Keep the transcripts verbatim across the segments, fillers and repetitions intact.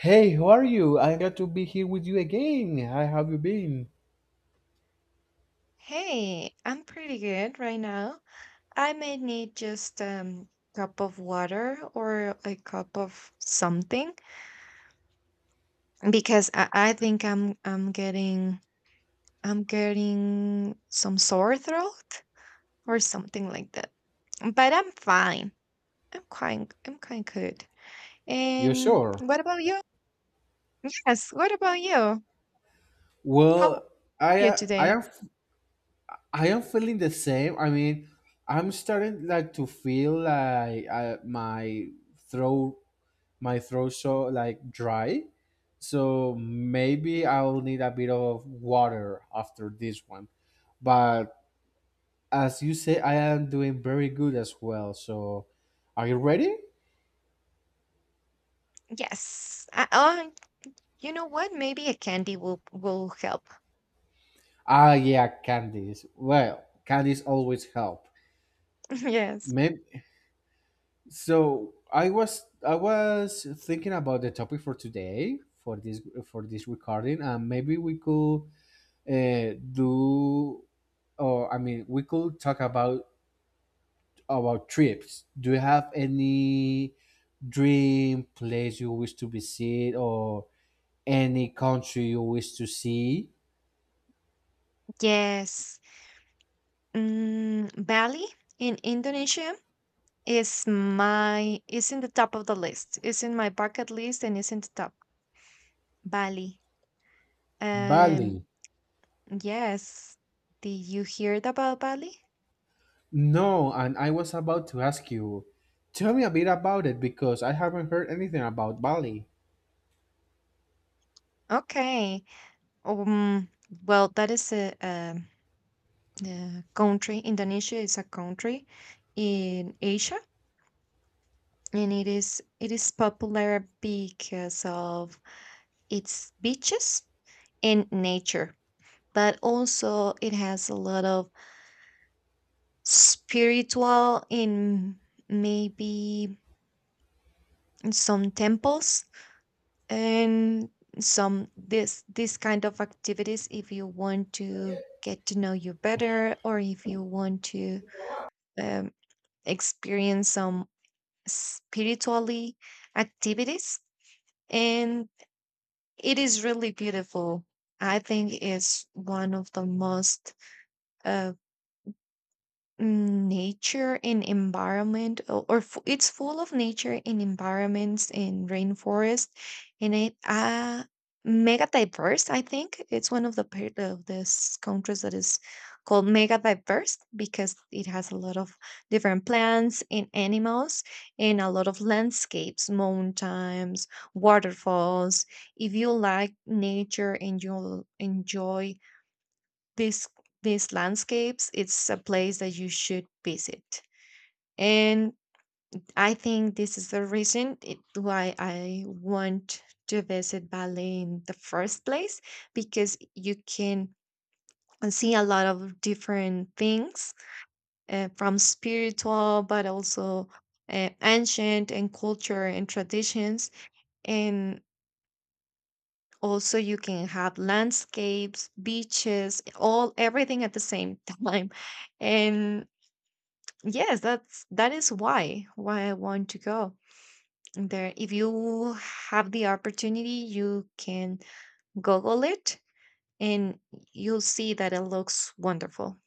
Hey, how are you? I'm glad to be here with you again. How have you been? Hey, I'm pretty good right now. I may need just um cup of water or a cup of something because I, I think I'm I'm getting I'm getting some sore throat or something like that. But I'm fine. I'm quite I'm quite good. You And sure? what about you? Yes, what about you? How Well, are I you uh, I today? am I am feeling the same. I mean, I'm starting like to feel like uh, my throat my throat so like dry. So maybe I'll need a bit of water after this one. But as you say, I am doing very good as well. So, are you ready? Yes. I, uh, You know what? Maybe a candy will will help. Ah, yeah, candies. Well, candies always help. Yes. Maybe, so I was I was thinking about the topic for today for this for this recording, and maybe we could uh, do, or I mean, we could talk about about trips. Do you have any dream place you wish to visit, or any country you wish to see? Yes. Mm, Bali in Indonesia is my is in the top of the list. It's in my bucket list and it's in the top. Bali. Um Bali. yes. Did you heard about Bali? No, and I was about to ask you, tell me a bit about it because I haven't heard anything about Bali. Okay. Um well that is a, um, a country. Indonesia is a country in Asia, and it is it is popular because of its beaches and nature, but also it has a lot of spiritual in, maybe, in some temples, and some this this kind of activities. If you want to get to know you better, or if you want to um, experience some spiritually activities, and it is really beautiful. I think it's one of the most, uh, Mm, nature and environment, o- or fu- it's full of nature and environments and rainforest. And it, uh mega diverse. I think it's one of the part of this countries that is called mega diverse, because it has a lot of different plants and animals, and a lot of landscapes, mountains, waterfalls. If you like nature, and you'll enjoy these these landscapes, it's a place that you should visit. And I think this is the reason, it, why I want to visit Bali in the first place, because you can see a lot of different things. Uh, from spiritual, but also, uh, ancient, and culture and traditions. And also you can have landscapes, beaches, all everything at the same time. And yes, that's that is why why I want to go there. If you have the opportunity, you can Google it, and you'll see that it looks wonderful.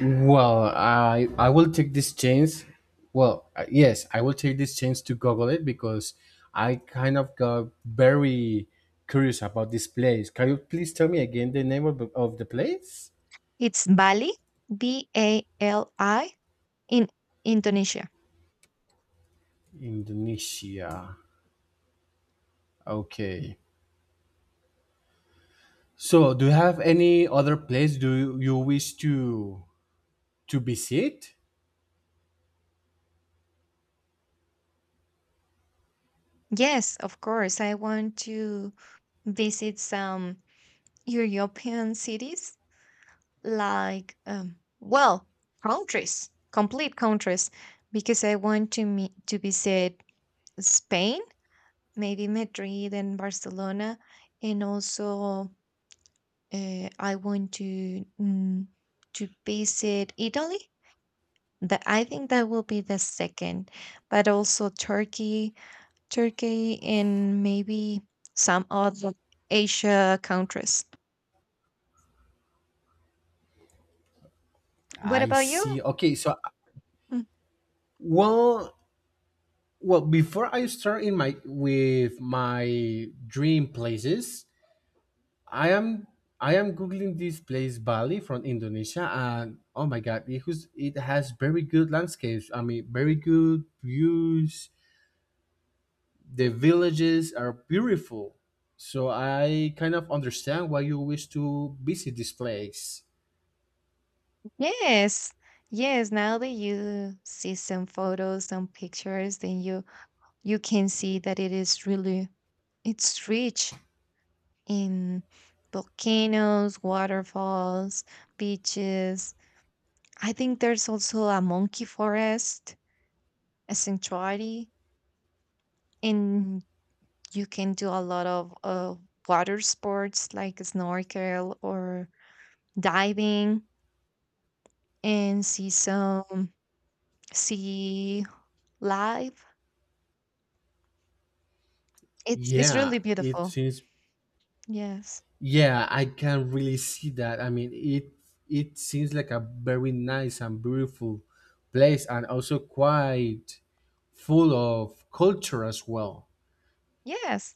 Well, I I will take this chance. Well, uh, yes, I will take this chance to Google it because I kind of got very curious about this place. Can you please tell me again the name of, of the place? It's Bali, B A L I, in Indonesia. Indonesia. Okay. So, do you have any other place do you, you wish to to visit? Yes, of course. I want to visit some European cities, like, um, well, countries, complete countries, because I want to meet, to visit Spain, maybe Madrid and Barcelona. And also, uh, I want to, mm, to visit Italy. That I think that will be the second, but also Turkey, Turkey, and maybe some other Asia countries. What I about you? see. Okay, so Mm, well, well, before I start in my with my dream places, I am I am googling this place Bali from Indonesia, and oh my god, it was, it has very good landscapes. I mean, very good views. The villages are beautiful, so I kind of understand why you wish to visit this place. Yes, yes. Now that you see some photos, some pictures, then you you can see that it is really, it's rich in volcanoes, waterfalls, beaches. I think there's also a monkey forest, a sanctuary, and you can do a lot of uh, water sports, like snorkel or diving, and see some sea life. It's it's Yeah, really it beautiful. seems Yes. yeah, I can really see that. I mean, it it seems like a very nice and beautiful place, and also quite full of culture as well. Yes.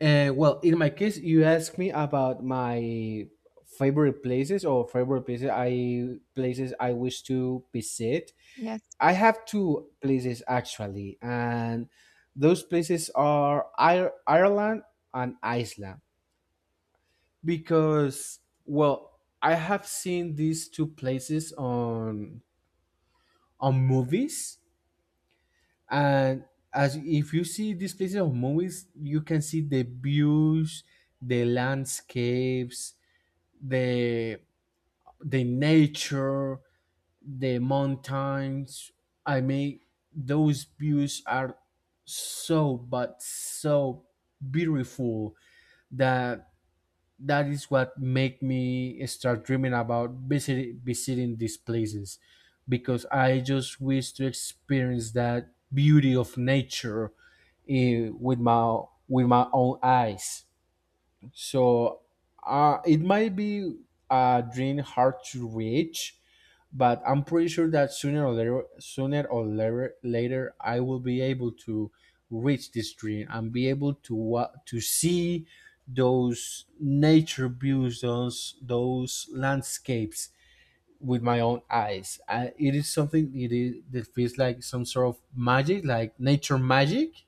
And well, in my case, you asked me about my favorite places or favorite places I places I wish to visit. Yes. I have two places actually, and those places are Ir- Ireland and Iceland, because well, I have seen these two places on on movies, and as if you see these places on movies, you can see the views, the landscapes, the the nature, the mountains. I mean, those views are so, but so beautiful that that is what make me start dreaming about visit, visiting these places because I just wish to experience that beauty of nature, eh, with my with my own eyes. So uh, it might be a dream hard to reach, but I'm pretty sure that sooner or later, sooner or later, later I will be able to reach this dream and be able to wa- to see those nature views, those those landscapes with my own eyes. I, it is something it is, that feels like some sort of magic, like nature magic.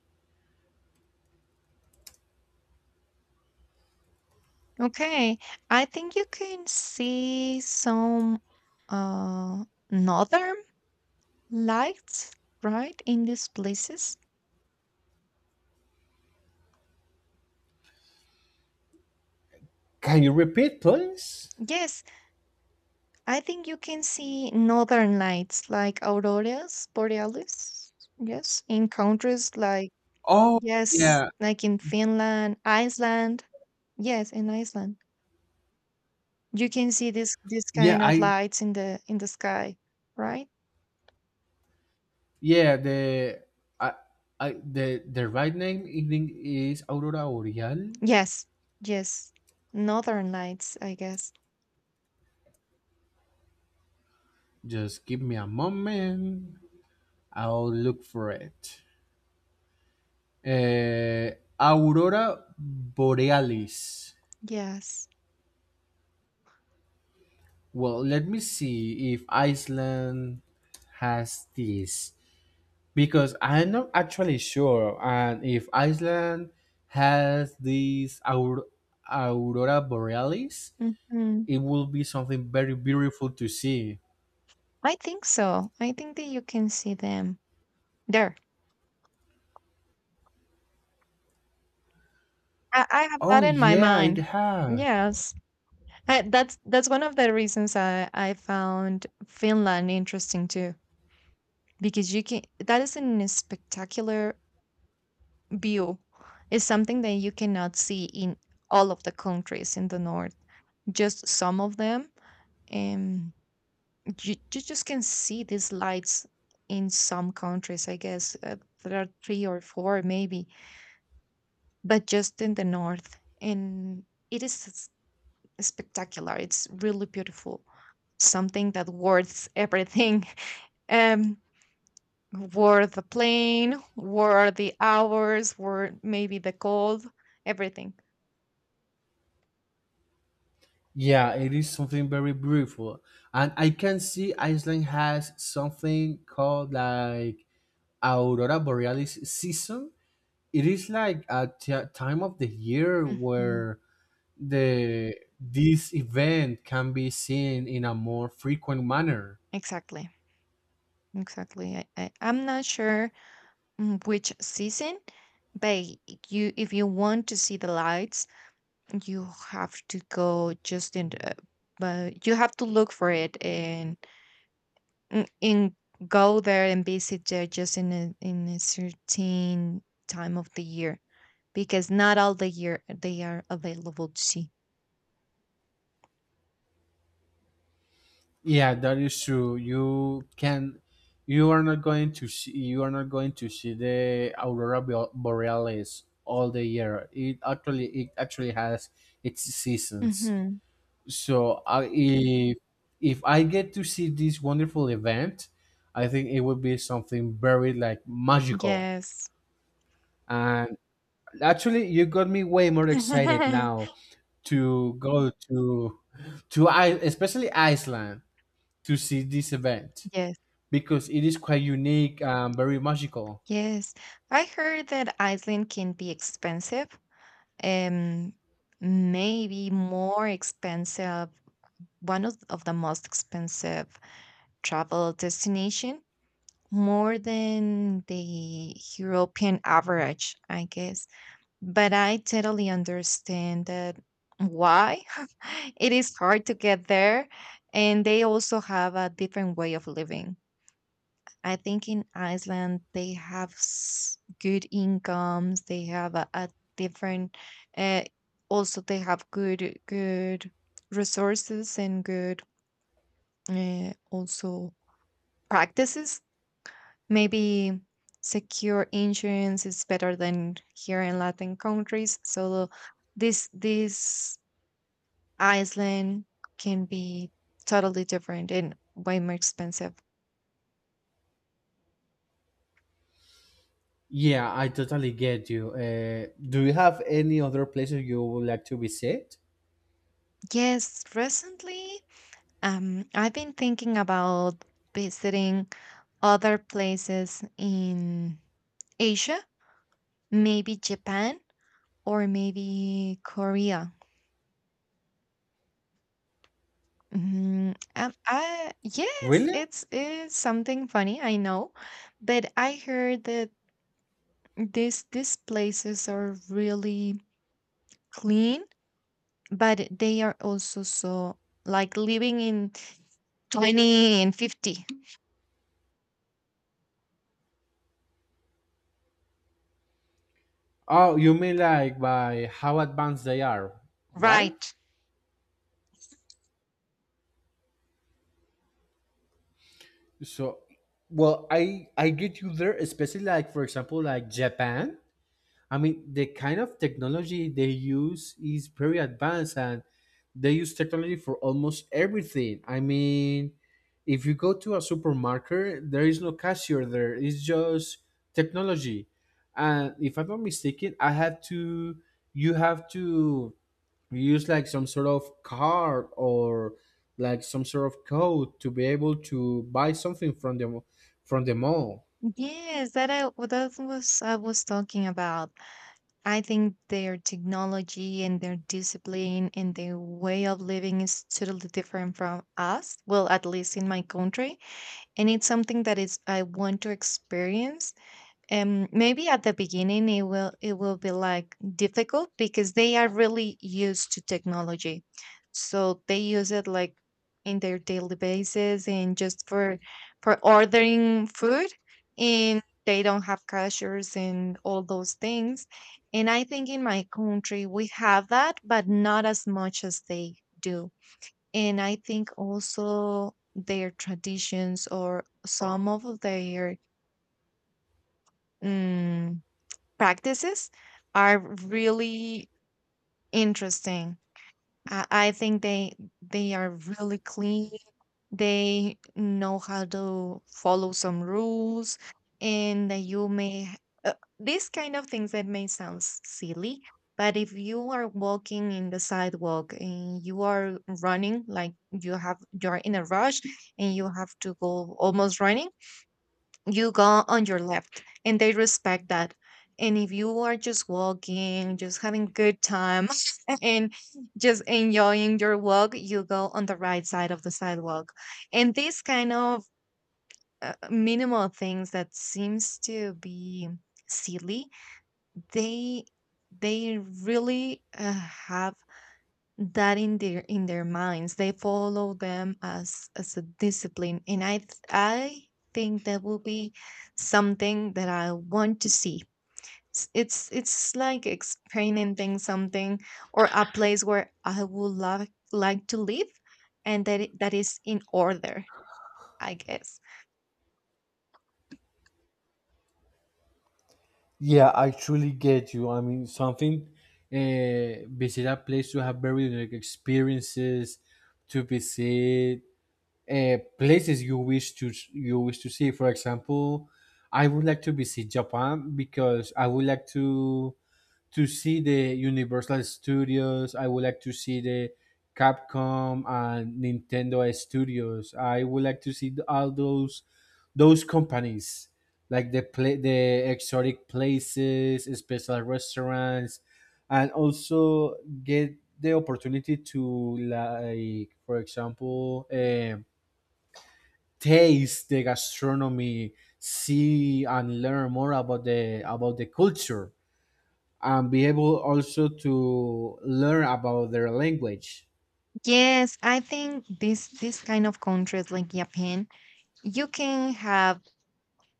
Okay. I think you can see some uh northern lights, right, in these places? Can you repeat, please? Yes, I think you can see northern lights, like auroras borealis. Yes, in countries like, Oh yes, yeah, like in Finland, Iceland. Yes, in Iceland. You can see this this yeah. kind of I lights in the in the sky, right? Yeah, the I, I the the right name I think is Aurora Boreal. Yes. Yes. Northern lights, I guess. Just give me a moment. I'll look for it. Uh, Aurora Borealis. Yes. Well, let me see if Iceland has this because I'm not actually sure, and if Iceland has this Aur- Aurora Borealis, Hmm. it will be something very beautiful to see. I think so. I think that you can see them there. I I have Oh that in my yeah, it mind. has. Yes. I, that's that's one of the reasons I I found Finland interesting too, because you can that is a spectacular view. It's something that you cannot see in all of the countries in the north, just some of them. And you, you just can see these lights in some countries, I guess. Uh, there are three or four maybe, but just in the north. And it is spectacular. It's really beautiful. Something that worth everything. Um, Worth the plane, worth the hours, worth maybe the cold, everything. Yeah, it is something very beautiful, and I can see Iceland has something called like aurora borealis season. It is like a t- time of the year Mm, where the this event can be seen in a more frequent manner. exactly. Exactly. I, I, I'm not sure, mm, which season, but you if you want to see the lights, you have to go just in the, but you have to look for it in, Mm, and go there and visit there just in a in a certain time of the year, because not all the year they are available to see. Yeah, that is true. You can, you are not going to see, you are not going to see the aurora bo- borealis all the year. It actually, it actually has its seasons. Hmm. So I, if if I get to see this wonderful event, I think it would be something very like magical. Yes. And actually, you got me way more excited now to go to to I especially Iceland to see this event Yes. because it is quite unique and very magical. Yes. I heard that Iceland can be expensive. Um Maybe more expensive, one of, of the most expensive travel destination, more than the European average, I guess. But I totally understand that why it is hard to get there. And they also have a different way of living. I think in Iceland, they have s- good incomes, they have a, a different, uh, also, they have good, good resources and good, uh, also, practices. Maybe secure insurance is better than here in Latin countries. So this this Iceland can be totally different and way more expensive. Yeah, I totally get you. Uh, do you have any other places you would like to visit? Yes, recently, um, I've been thinking about visiting other places in Asia, maybe Japan or maybe Korea. Mhm. um, I Yes, Really? it's it's something funny, I know, but I heard that these these places are really clean, but they are also so like living in twenty and fifty. Oh, you mean like by how advanced they are, right? Right. So, well, I I get you there, especially like for example, like Japan. I mean, the kind of technology they use is very advanced and they use technology for almost everything. I mean, if you go to a supermarket, there is no cashier there, it's just technology. And if I'm not mistaken, I have to, you have to use like some sort of card or like some sort of code to be able to buy something from the from the mall. Yes, that I that was, I was talking about. I think their technology and their discipline and their way of living is totally different from us. Well, at least in my country. And it's something that is I want to experience. And maybe at the beginning, it will it will be like difficult, because they are really used to technology. So they use it, like, in their daily basis, and just for for ordering food, and they don't have cashiers and all those things. And I think in my country we have that, but not as much as they do. And I think also their traditions, or some of their, mm, practices, are really interesting. I I think they they are really clean. They know how to follow some rules. And that you may h- uh, these kind of things that may sound s- silly. But if you are walking in the sidewalk and you are running, like, you have you're in a rush, and you have to go almost running, you go on your left, and they respect that. And if you are just walking, just having good time, and just enjoying your walk, you go on the right side of the sidewalk. And these kind of, uh, minimal things, that seems to be silly, they they really, uh, have that in their in their minds. They follow them as, as a discipline. And i th- i think that will be something that I want to see. S- it's it's like experimenting something, or a place where I would like like to live, and that it- that is in order, I guess. Yeah, I truly get you. I mean, something uh, visit a place to have very unique experiences, to visit uh, places you wish to you wish to see. For example, I would like to visit Japan because I would like to to see the Universal Studios. I would like to see the Capcom and Nintendo Studios. I would like to see all those those companies like the pla the exotic places, special restaurants, and also get the opportunity to like, for example, um taste the gastronomy, see and learn more about the about the culture and be able also to learn about their language. Yes, I think this this kind of countries like Japan, you can have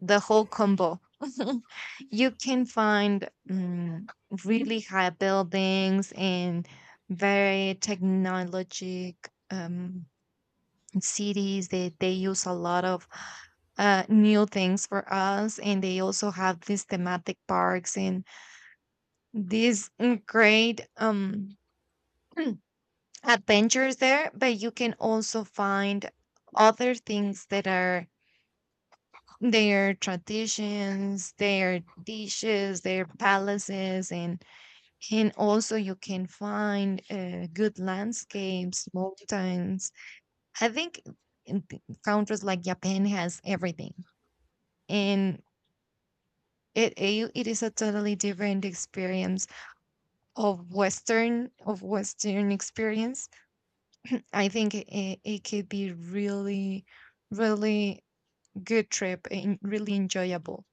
the whole combo. You can find, mm, really high buildings, and very technologic, um, cities. They, they use a lot of, uh, new things for us, and they also have these thematic parks, and these, mm, great, um, adventures there. But you can also find other things that are their traditions, their dishes, their palaces, and and also you can find, uh, good landscapes, mountains. I think in th- countries like Japan has everything, and it it it is a totally different experience of Western of Western experience. I think it, it could be really, really good trip and really enjoyable.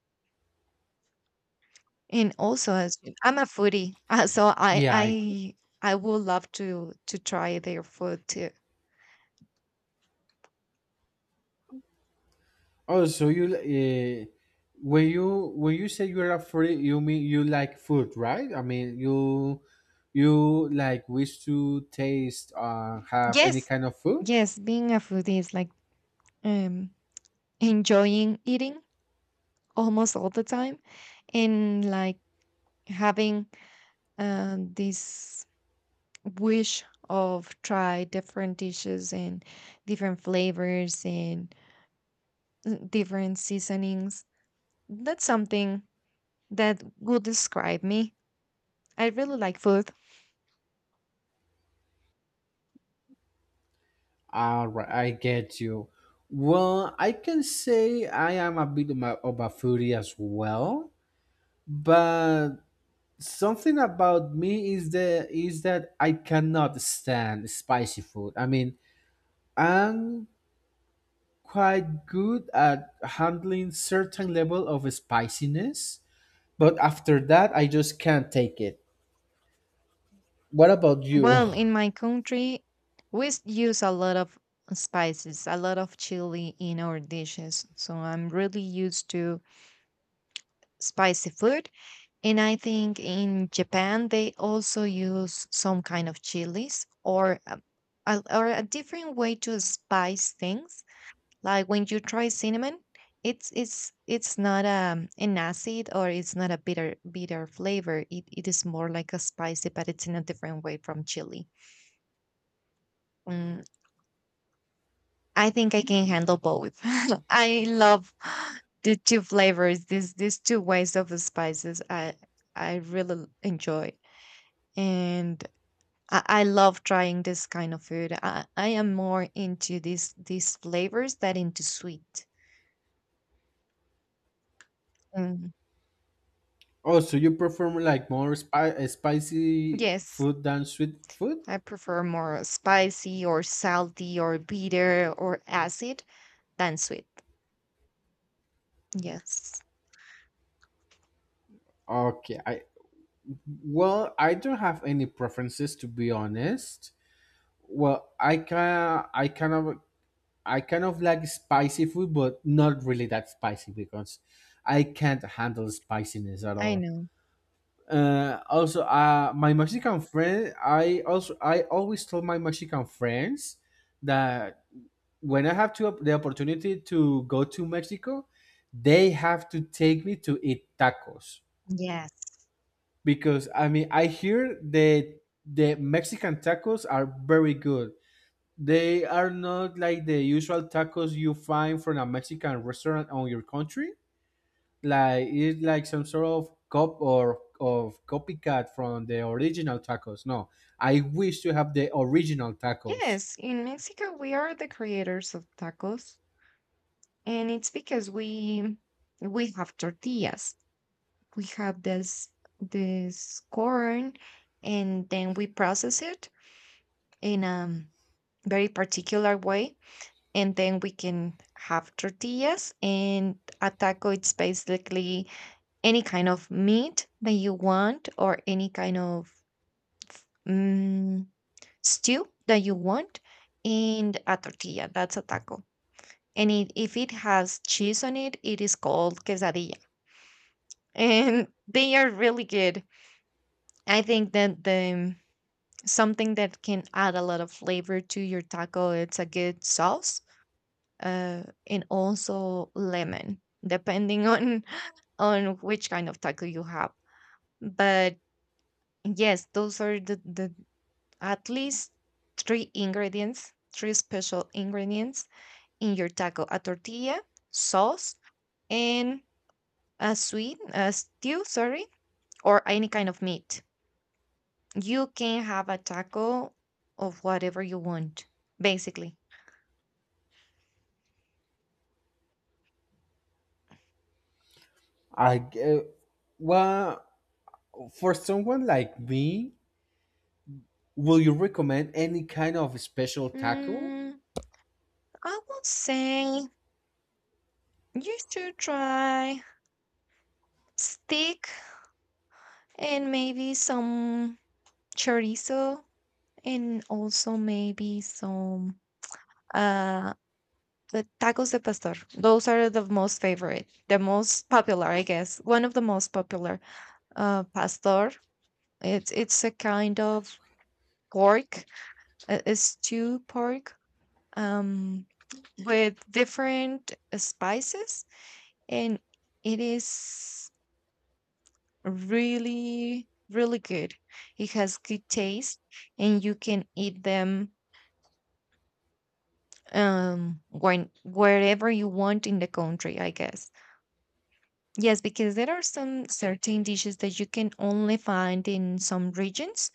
And also, as I'm a foodie, uh, so I Yeah, I could. I I would love to to try their food too. Oh, so you uh, when you when you say you're a free, you mean you like food, right? I mean you you like wish to taste uh, have any Yes, kind of food. yes, being a foodie is like, um enjoying eating almost all the time, and like having, um this wish of try different dishes, and different flavors, and, uh, different seasonings. That's something that will describe me. I really like food. All right, I get you. Well, I can say I am a bit of a, of a foodie as well, but something about me is the is that I cannot stand spicy food. I mean, I'm quite good at handling certain level of spiciness, but after that, I just can't take it. What about you? Well, in my country, we s- use a lot of spices, a lot of chili in our dishes. So I'm really used to spicy food. And I think in Japan, they also use some kind of chilies, or a, a- or a different way to spice things. Like when you try cinnamon, it's it's it's not um an acid, or it's not a bitter bitter flavor. It it is more like a spicy, but it's in a different way from chili. Mm, I think I can handle both. I love the two flavors. These these two ways of the spices. I I really l- enjoy and. I I love trying this kind of food. I, I am more into these these flavors than into sweet. Mm, Oh, so you prefer like more spi- uh, spicy yes. food than sweet food? I prefer more spicy or salty or bitter or acid than sweet. Yes. Okay, I well, I don't have any preferences to be honest. Well, I can I kind of I kind of like spicy food, but not really that spicy because I can't handle spiciness at I all. know. Uh, also, uh, my Mexican friend, I also I always told my Mexican friends that when I have to the opportunity to go to Mexico, they have to take me to eat tacos Yes. because I mean I hear the the Mexican tacos are very good. They are not like the usual tacos you find from a Mexican restaurant on your country. Like it's like some sort of cop or of copycat from the original tacos. No, I wish to have the original tacos. Yes. In Mexico, we are the creators of tacos, and it's because we we have tortillas. We have this this corn, and then we process it in a very particular way, and then we can have tortillas. And a taco, it's basically any kind of meat that you want, or any kind of, mm stew that you want, and a tortilla. That's a taco. And it, if it has cheese on it, it is called quesadilla. And they are really good. I think that the something that can add a lot of flavor to your taco, it's a good sauce. Uh, and also lemon, depending on on which kind of taco you have. But yes, those are the, the at least three ingredients, three special ingredients in your taco: a tortilla, sauce, and a sweet, a stew, sorry, or any kind of meat. You can have a taco of whatever you want, basically. I uh, well, for someone like me, will you recommend any kind of special taco? Mm, I would say you should try steak and maybe some chorizo and also maybe some uh The tacos de pastor. Those are the most favorite, the most popular, I guess. One of the most popular. Uh, pastor, It's it's a kind of pork. Uh, It's stew pork. Um, with different spices, and it is really really good. It has good taste, and you can eat them um when wherever you want in the country, I guess. Yes, because there are some certain dishes that you can only find in some regions,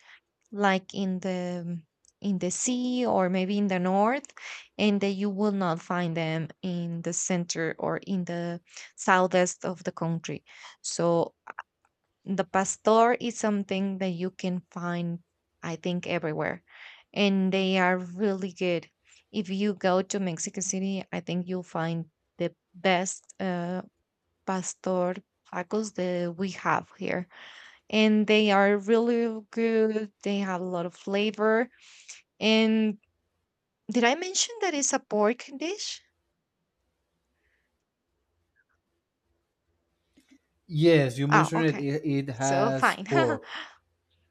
like in the in the sea or maybe in the north, and that you will not find them in the center or in the southeast of the country. So the pastor is something that you can find, I think, everywhere, and they are really good. If you go to Mexico City, I think you'll find the best uh, pastor tacos that we have here. And they are really good. They have a lot of flavor. And did I mention that it's a pork dish? Yes, you Oh, mentioned it. okay. It, it So has fine. pork.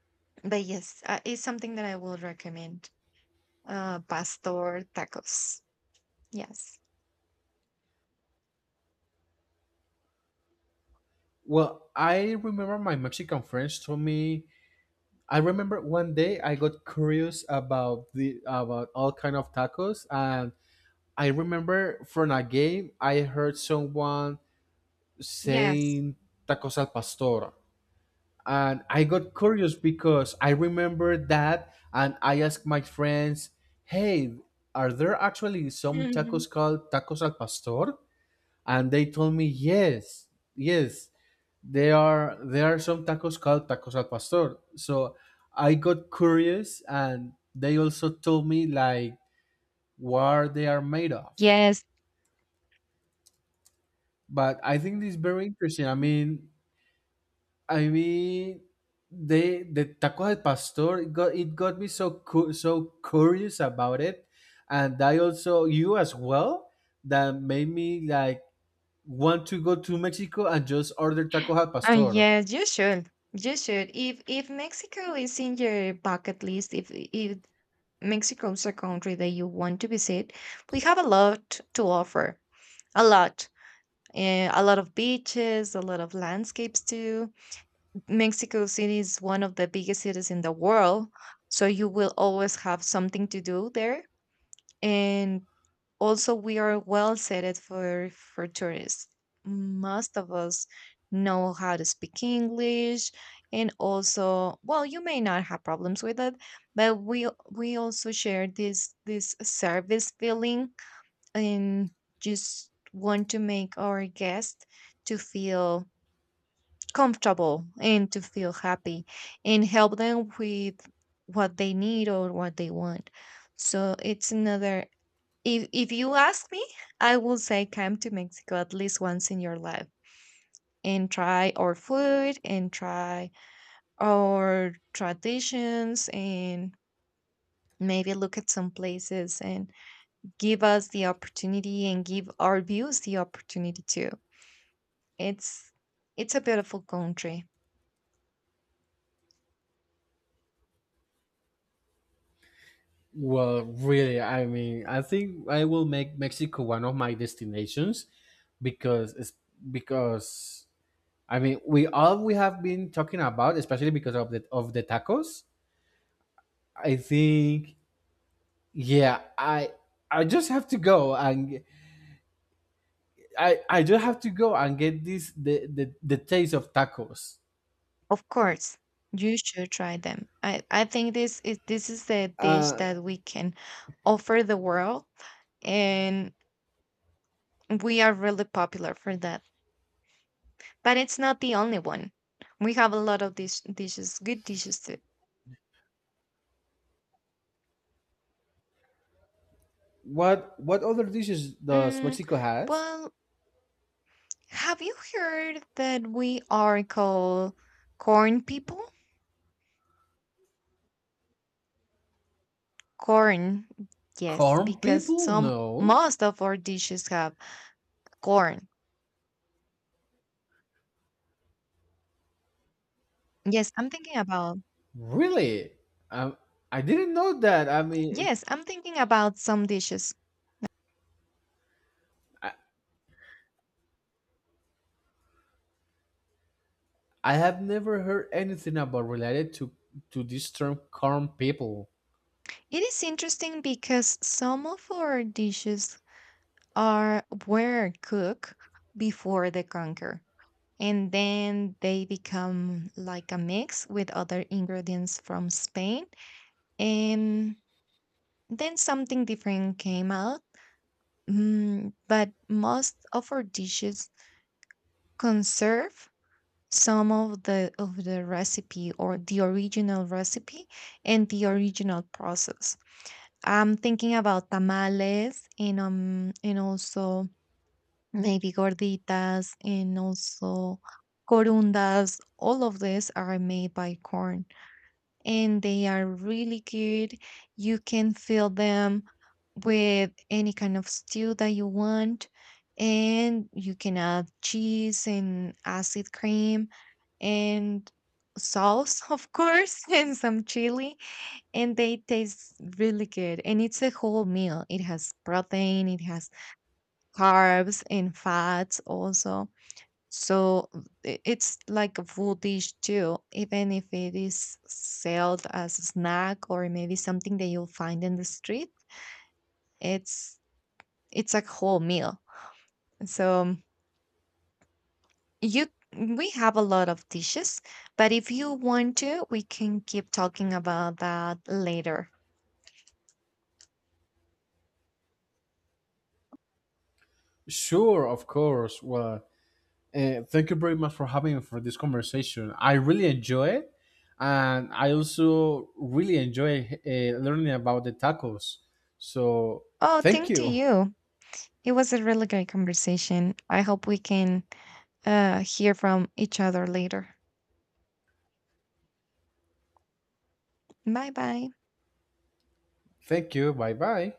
But yes, uh, it's something that I will recommend. Uh, pastor tacos. Yes. Well, I remember my Mexican friends told me I remember one day I got curious about the about all kind of tacos, and I remember from a game I heard someone Yes. saying tacos al pastor, and I got curious because I remember that, and I asked my friends, "Hey, are there actually some Mhm. tacos called tacos al pastor?" And they told me yes, yes, there are there are some tacos called tacos al pastor. So I got curious, and they also told me like what they are made of. Yes. But I think this is very interesting. I mean, I mean, they the taco al pastor, it got it got me so cu- so curious about it, and I also you as well, that made me like want to go to Mexico and just order taco al Oh pastor. yes, you should. You should. If if Mexico is in your bucket list, if if Mexico is a country that you want to visit, we have a lot to offer. A lot. Uh, a lot of beaches, a lot of landscapes too. Mexico City is one of the biggest cities in the world, so you will always have something to do there. And also, we are well set for for tourists. Most of us know how to speak English, and also, well, you may not have problems with it, but we we also share this this service feeling and just want to make our guest to feel comfortable and to feel happy and help them with what they need or what they want. So it's another, if if you ask me, I will say come to Mexico at least once in your life and try our food and try our traditions and maybe look at some places and give us the opportunity and give our views the opportunity too. It's it's a beautiful country. Well, really, I mean, I think I will make Mexico one of my destinations because it's because I mean, we all we have been talking about, especially because of the of the tacos. I think, yeah, I I just have to go and I I just have to go and get this the the, the taste of tacos. Of course, you should try them. I, I think this is this is the dish Uh, that we can offer the world, and we are really popular for that. But it's not the only one. We have a lot of dish- dishes, good dishes too. what what other dishes does Mm, Mexico has? well, have you heard that we are called corn people? Corn, yes, Corn because people? some No. most of our dishes have corn. Yes, I'm thinking about, Really? Um, I didn't know that. I mean, yes, I'm thinking about some dishes. I, I have never heard anything about related to to this term "calm people." It is interesting because some of our dishes are were cooked before the conquer, and then they become like a mix with other ingredients from Spain. And then something different came out. Mm, but most of our dishes conserve some of the of the recipe or the original recipe and the original process. I'm thinking about tamales and um and also maybe gorditas and also corundas. All of these are made by corn and they are really good. You can fill them with any kind of stew that you want, and you can add cheese and acid cream and sauce, of course, and some chili, and they taste really good. And it's a whole meal. It has protein, it has carbs and fats also. So i- it's like a full dish too, even if it is sold as a snack or maybe something that you'll find in the street. It's it's a whole meal. So you we have a lot of dishes, but if you want to, we can keep talking about that later. Sure, of course. Well, uh, thank you very much for having me for this conversation. I really enjoy it, and I also really enjoy uh, learning about the tacos. So, Oh, thank thank to you, you. It was a really great conversation. I hope we can uh, hear from each other later. Bye bye. thank you. Bye bye.